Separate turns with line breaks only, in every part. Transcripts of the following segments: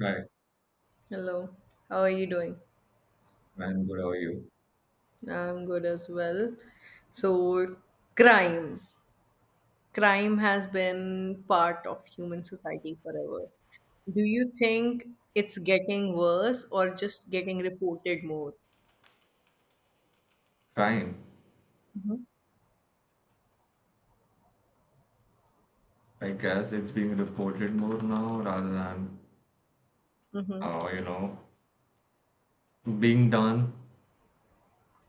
Right.
Hello, how are you doing?
I'm good. How are you?
I'm good as well. So, crime. Crime has been part of human society forever. Do you think it's getting worse or just getting reported more?
Fine.
Mm-hmm.
I guess it's being reported more now rather than
Mm-hmm.
uh, you know, being done.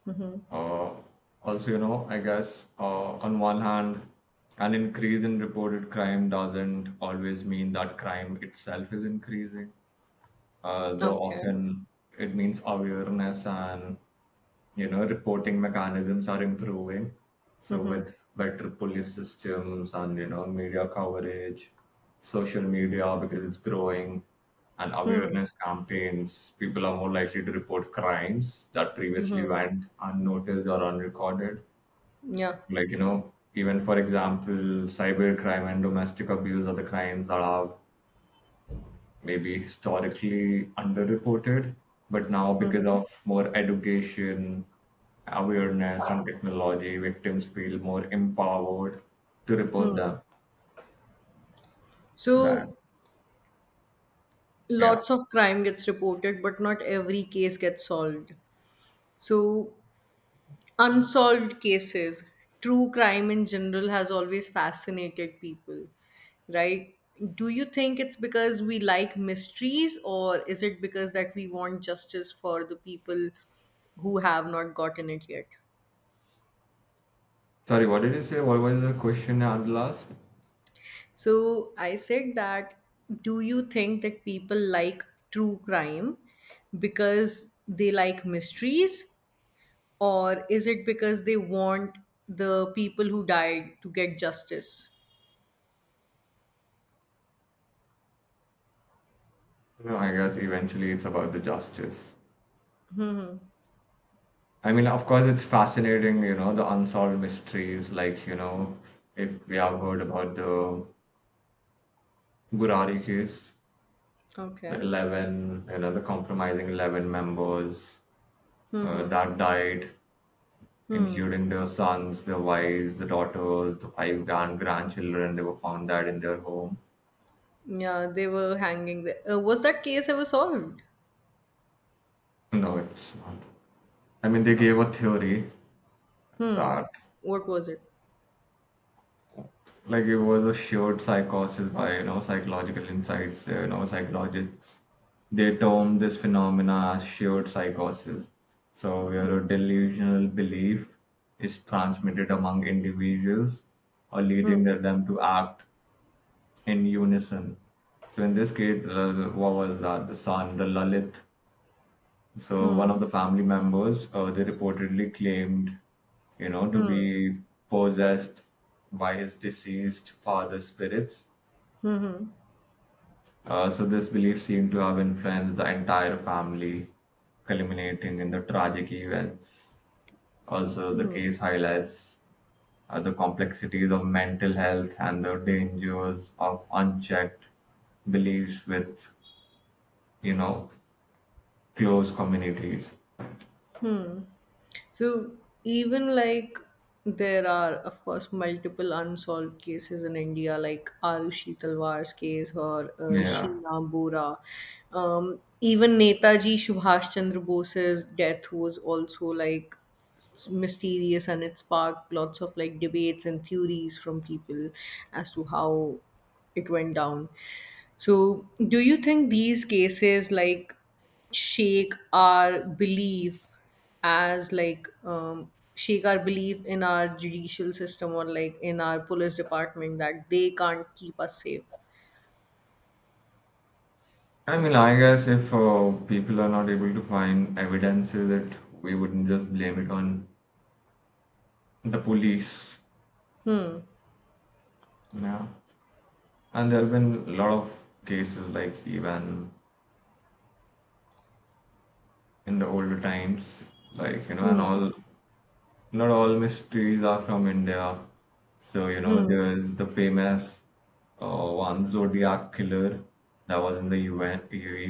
Mm-hmm.
Uh, Also, I guess on one hand, an increase in reported crime doesn't always mean that crime itself is increasing. Though
Okay.
often it means awareness and reporting mechanisms are improving. So
Mm-hmm.
with better police systems and media coverage, social media because it's growing, and
Hmm.
awareness campaigns, people are more likely to report crimes that previously
Mm-hmm.
went unnoticed or unrecorded.
Yeah.
Like even for example, cybercrime and domestic abuse are the crimes that are maybe historically underreported, but now because
Mm-hmm.
of more education awareness and technology, victims feel more empowered to report
Hmm.
them than
So,
yeah.
lots of crime gets reported, but not every case gets solved. So, unsolved cases, true crime in general has always fascinated people, right? Do you think it's because we like mysteries, or is it because that we want justice for the people who have not gotten it yet?
Sorry, what did you say? What was the question at the last?
So I said that, do you think that people like true crime because they like mysteries, or is it because they want the people who died to get justice?
No, I guess eventually it's about the justice.
Hmm, hmm.
I mean, of course, it's fascinating, the unsolved mysteries. Like, if we have heard about the Gurari case, the
Okay.
11, the compromising 11 members
Hmm.
that died,
Hmm.
including their sons, their wives, the daughters, the five grandchildren. They were found dead in their home.
Yeah, they were hanging there. Was that case ever solved?
No, it's not. I mean, they gave a theory
Hmm.
that
What was it?
like it was a shared psychosis by psychological insights. Psychologists they term this phenomena as shared psychosis. So, where a delusional belief is transmitted among individuals or
Hmm.
leading them to act in unison. So in this case, what was that? The son, the Lalit. So one
Hmm.
of the family members, they reportedly claimed, to
Hmm.
be possessed by his deceased father's spirits.
Hmm.
So this belief seemed to have influenced the entire family, culminating in the tragic events. Also,
Hmm.
the
Hmm.
case highlights the complexities of mental health and the dangers of unchecked beliefs with, you know, close communities.
Hmm. So even like there are of course multiple unsolved cases in India, like Arushi Talwar's case or
Yeah.
Sheena Bora. Even Netaji Subhash Chandra Bose's death was also like mysterious, and it sparked lots of like debates and theories from people as to how it went down. So, do you think these cases like shake our belief as like shake our in our judicial system, or like in our police department, that they can't keep us safe?
I mean, I guess if people are not able to find evidences that we wouldn't just blame it on the police, yeah. And there have been a lot of cases like even in the older times, like, you know, and
Hmm.
all Not all mysteries are from India. So,
Hmm.
there's the famous one Zodiac killer that was in the U. N.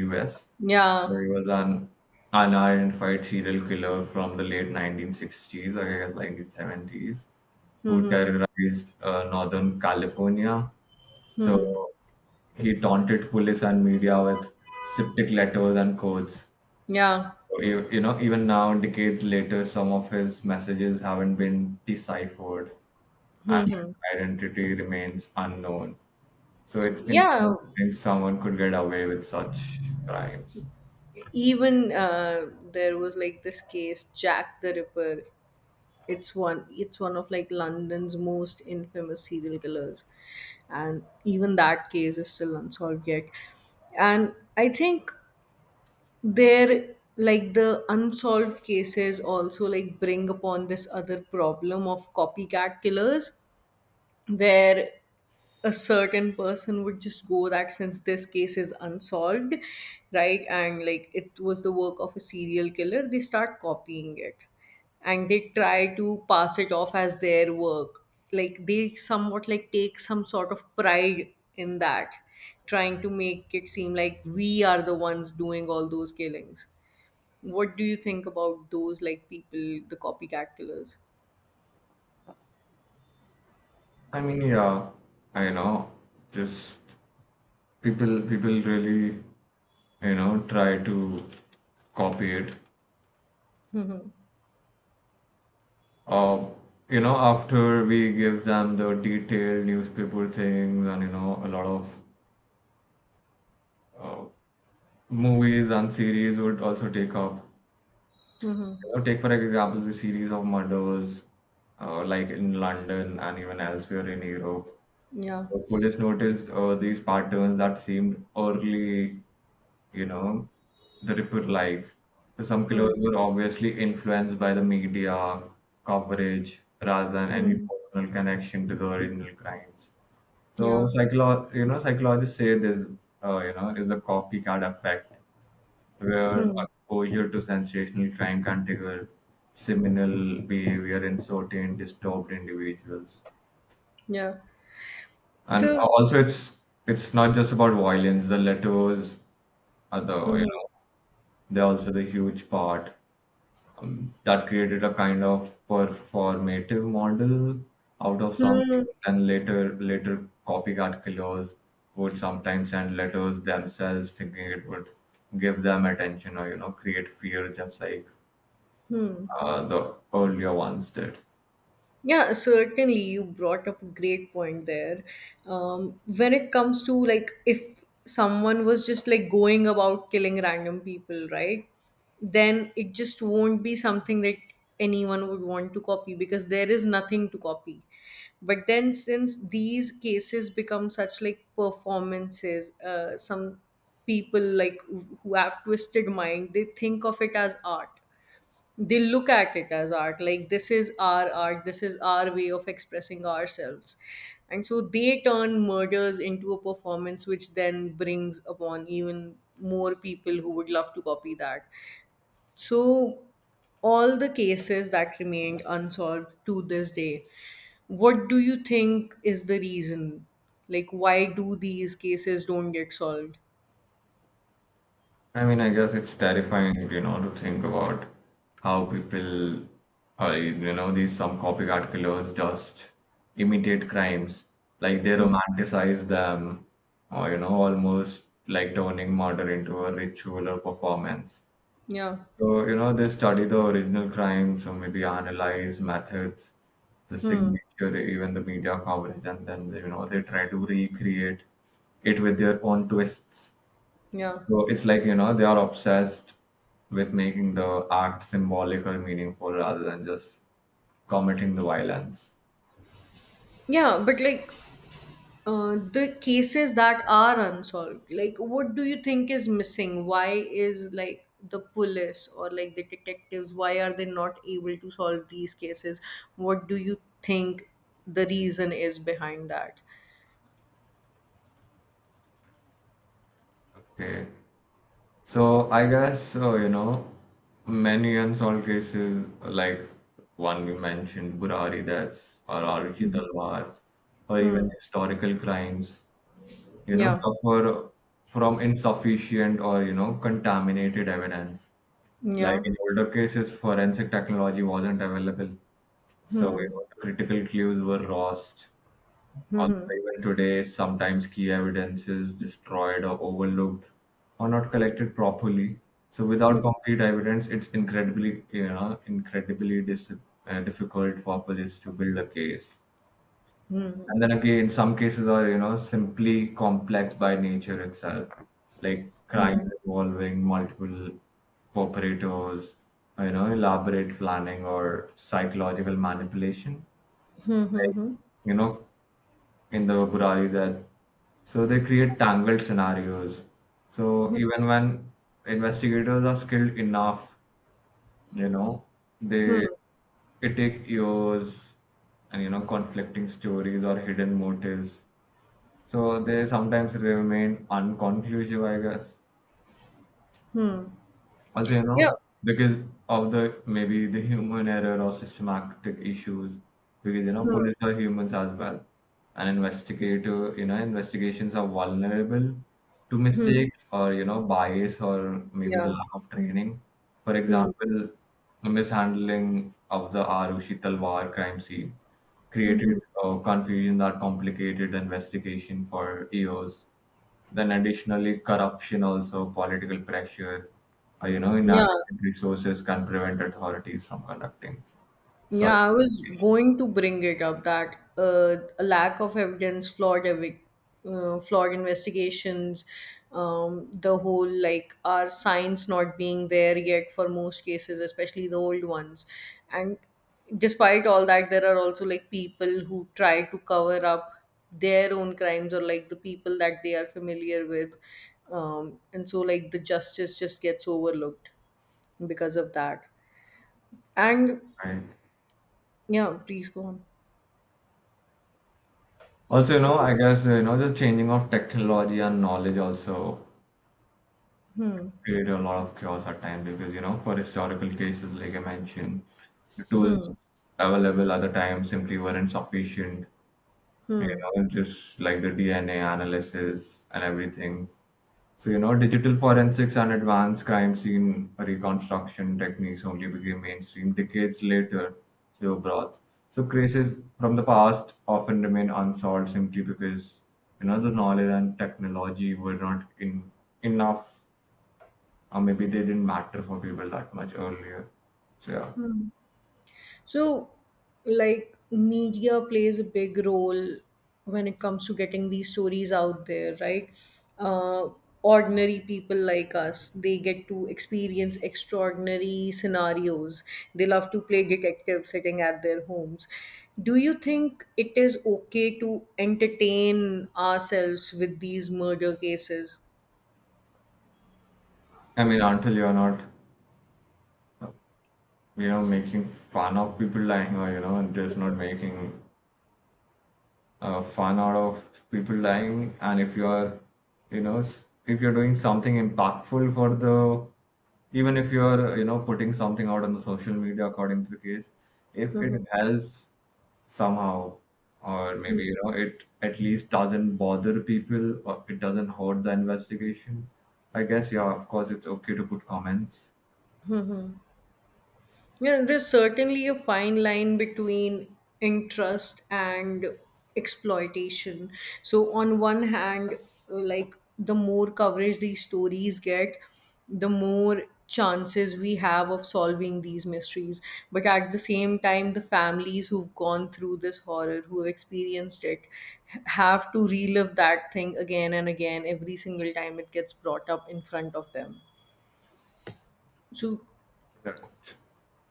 U.S.
Yeah.
where he was an unidentified serial killer from the late 1960s, I guess 1970s, who
Hmm.
terrorized Northern California. So
Hmm.
he taunted police and media with cryptic letters and codes.
Yeah.
Even now, decades later, some of his messages haven't been deciphered, and
Hmm. Hmm.
his identity remains unknown. So it's insane
Yeah.
to think someone could get away with such crimes.
Even there was like this case, Jack the Ripper. It's one. It's one of like London's most infamous serial killers, and even that case is still unsolved yet. And I think there like the unsolved cases also like bring upon this other problem of copycat killers, where a certain person would just go that since this case is unsolved, right, and like it was the work of a serial killer, they start copying it and they try to pass it off as their work. Like they somewhat like take some sort of pride in that, trying to make it seem like we are the ones doing all those killings. What do you think about those like people, the copycat killers?
I mean, yeah, I know. Just people really, try to copy it. Uh, After we give them the detailed newspaper things and, a lot of uh, movies and series would also take up.
Mm-hmm.
Take for example the series of murders, like in London and even elsewhere in Europe.
Yeah.
So police noticed these patterns that seemed early, you know, the Ripper life. So some killers
Hmm.
were obviously influenced by the media coverage rather than any
Hmm.
personal connection to the original crimes. So
Yeah.
psychologists say this, is a copycat effect where
Hmm,
exposure to sensational crime can trigger seminal behavior in certain disturbed individuals.
yeah.
And
So
also, it's not just about violence. The letters are
mhm.
they're also the huge part that created a kind of performative model out of something.
Hmm,
And later copycat killers would sometimes send letters themselves, thinking it would give them attention or create fear, just like
hmm.
the earlier ones did.
Yeah, certainly. You brought up a great point there. When it comes to like if someone was just like going about killing random people, right? Then it just won't be something that anyone would want to copy, because there is nothing to copy. But then since these cases become such like performances, some people like who have twisted mind, they think of it as art, they look at it as art, like this is our art, this is our way of expressing ourselves, and so they turn murders into a performance, which then brings upon even more people who would love to copy that. So all the cases that remained unsolved to this day, what do you think is the reason, like why do these cases don't get solved?
I mean, I guess it's terrifying, to think about how people, these some copycat killers just imitate crimes, like they romanticize them, or almost like turning murder into a ritual or performance.
Yeah.
So, they study the original crimes, or maybe analyze methods, the
Hmm.
signature, even the media coverage, and then, they try to recreate it with their own twists.
Yeah.
So it's like, they are obsessed with making the act symbolic or meaningful rather than just committing the violence.
Yeah, but like the cases that are unsolved, like what do you think is missing, why is like the police or like the detectives why are they not able to solve these cases, what do you think the reason is behind that?
Okay. So I guess, many unsolved cases, like one we mentioned, Burari deaths or Arushi Talwar, or even
Hmm.
historical crimes,
Yeah.
suffer from insufficient or, contaminated evidence. Like
Yeah.
in older cases, forensic technology wasn't available. So,
Hmm.
the critical clues were lost. Also,
Hmm.
even today, sometimes key evidence is destroyed or overlooked or not collected properly. So, without concrete evidence, it's incredibly, incredibly difficult for police to build a case.
Hmm.
And then again, some cases are, simply complex by nature itself, like
Hmm.
crimes involving multiple operators, elaborate planning or psychological manipulation
Hmm.
like
Hmm.
you know in the Burari there. So they create tangled scenarios. So even when investigators are skilled enough, you know, they
Hmm.
it take years and conflicting stories or hidden motives. So they sometimes remain unconclusive, I guess. Also, because of the maybe the human error or systematic issues, because
Hmm. Yeah.
police are humans as well. And investigations are vulnerable to
Hmm. Hmm.
mistakes or bias or maybe the
Yeah.
lack of training. For
Hmm.
example, the mishandling of the Arushi Talwar crime scene
Hmm.
created
Hmm.
confusion that complicated the investigation for years. Then additionally, corruption also, political pressure,
Yeah.
inadequate resources can prevent authorities from conducting such
Yeah, I was
issues,
going to bring it up that a lack of evidence, flawed flawed investigations, the whole like our science not being there yet for most cases, especially the old ones. And despite all that, there are also like people who try to cover up their own crimes or like the people that they are familiar with. And so like the justice just gets overlooked because of that. And
right?
yeah, please go on.
Also, I guess, the changing of technology and knowledge also
Hmm,
create a lot of chaos at times because, for historical cases, like I mentioned, the tools
hmm,
available at the time simply weren't sufficient. You
hmm,
just like the DNA analysis and everything. So, digital forensics and advanced crime scene reconstruction techniques only became mainstream decades later, they were brought. So, cases from the past often remain unsolved simply because, the knowledge and technology were not in enough, or maybe they didn't matter for people that much earlier. So, yeah.
hmm. So, like, media plays a big role when it comes to getting these stories out there, right? Uh, ordinary people like us, they get to experience extraordinary scenarios. They love to play detectives sitting at their homes. Do you think it is okay to entertain ourselves with these murder cases?
I mean, until you're not, you making fun of people lying, or, just not making fun out of people dying, and if you're you know s- if you're doing something impactful for the, even if you're putting something out on the social media according to the case, if
Hmm.
it
Hmm,
helps somehow, or maybe
hmm.
it at least doesn't bother people or it doesn't hurt the investigation, I guess, yeah, of course it's okay to put comments.
Yeah, there's certainly a fine line between interest and exploitation. So, on one hand, like the more coverage these stories get, the more chances we have of solving these mysteries. But at the same time, the families who've gone through this horror, who've experienced it, have to relive that thing again and again every single time it gets brought up in front of them. So
Correct.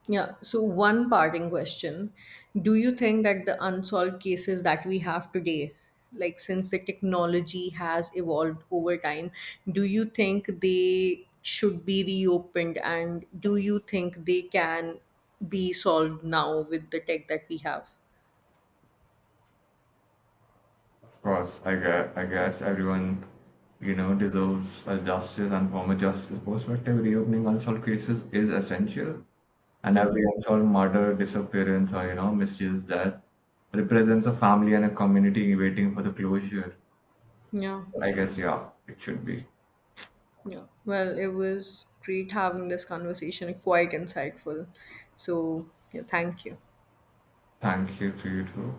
yeah. So, one parting question. Do you think that the unsolved cases that we have today, like since the technology has evolved over time, do you think they should be reopened, and do you think they can be solved now with the tech that we have?
Of course, I guess everyone, deserves a justice, and from a justice perspective, reopening unsolved cases is essential. And every
Mm-hmm.
unsolved murder, disappearance, or mischief that represents a family and a community waiting for the closure.
Yeah.
I guess, yeah, it should be.
Yeah. Well, it was great having this conversation, quite insightful. So, yeah, thank you.
Thank you to you too.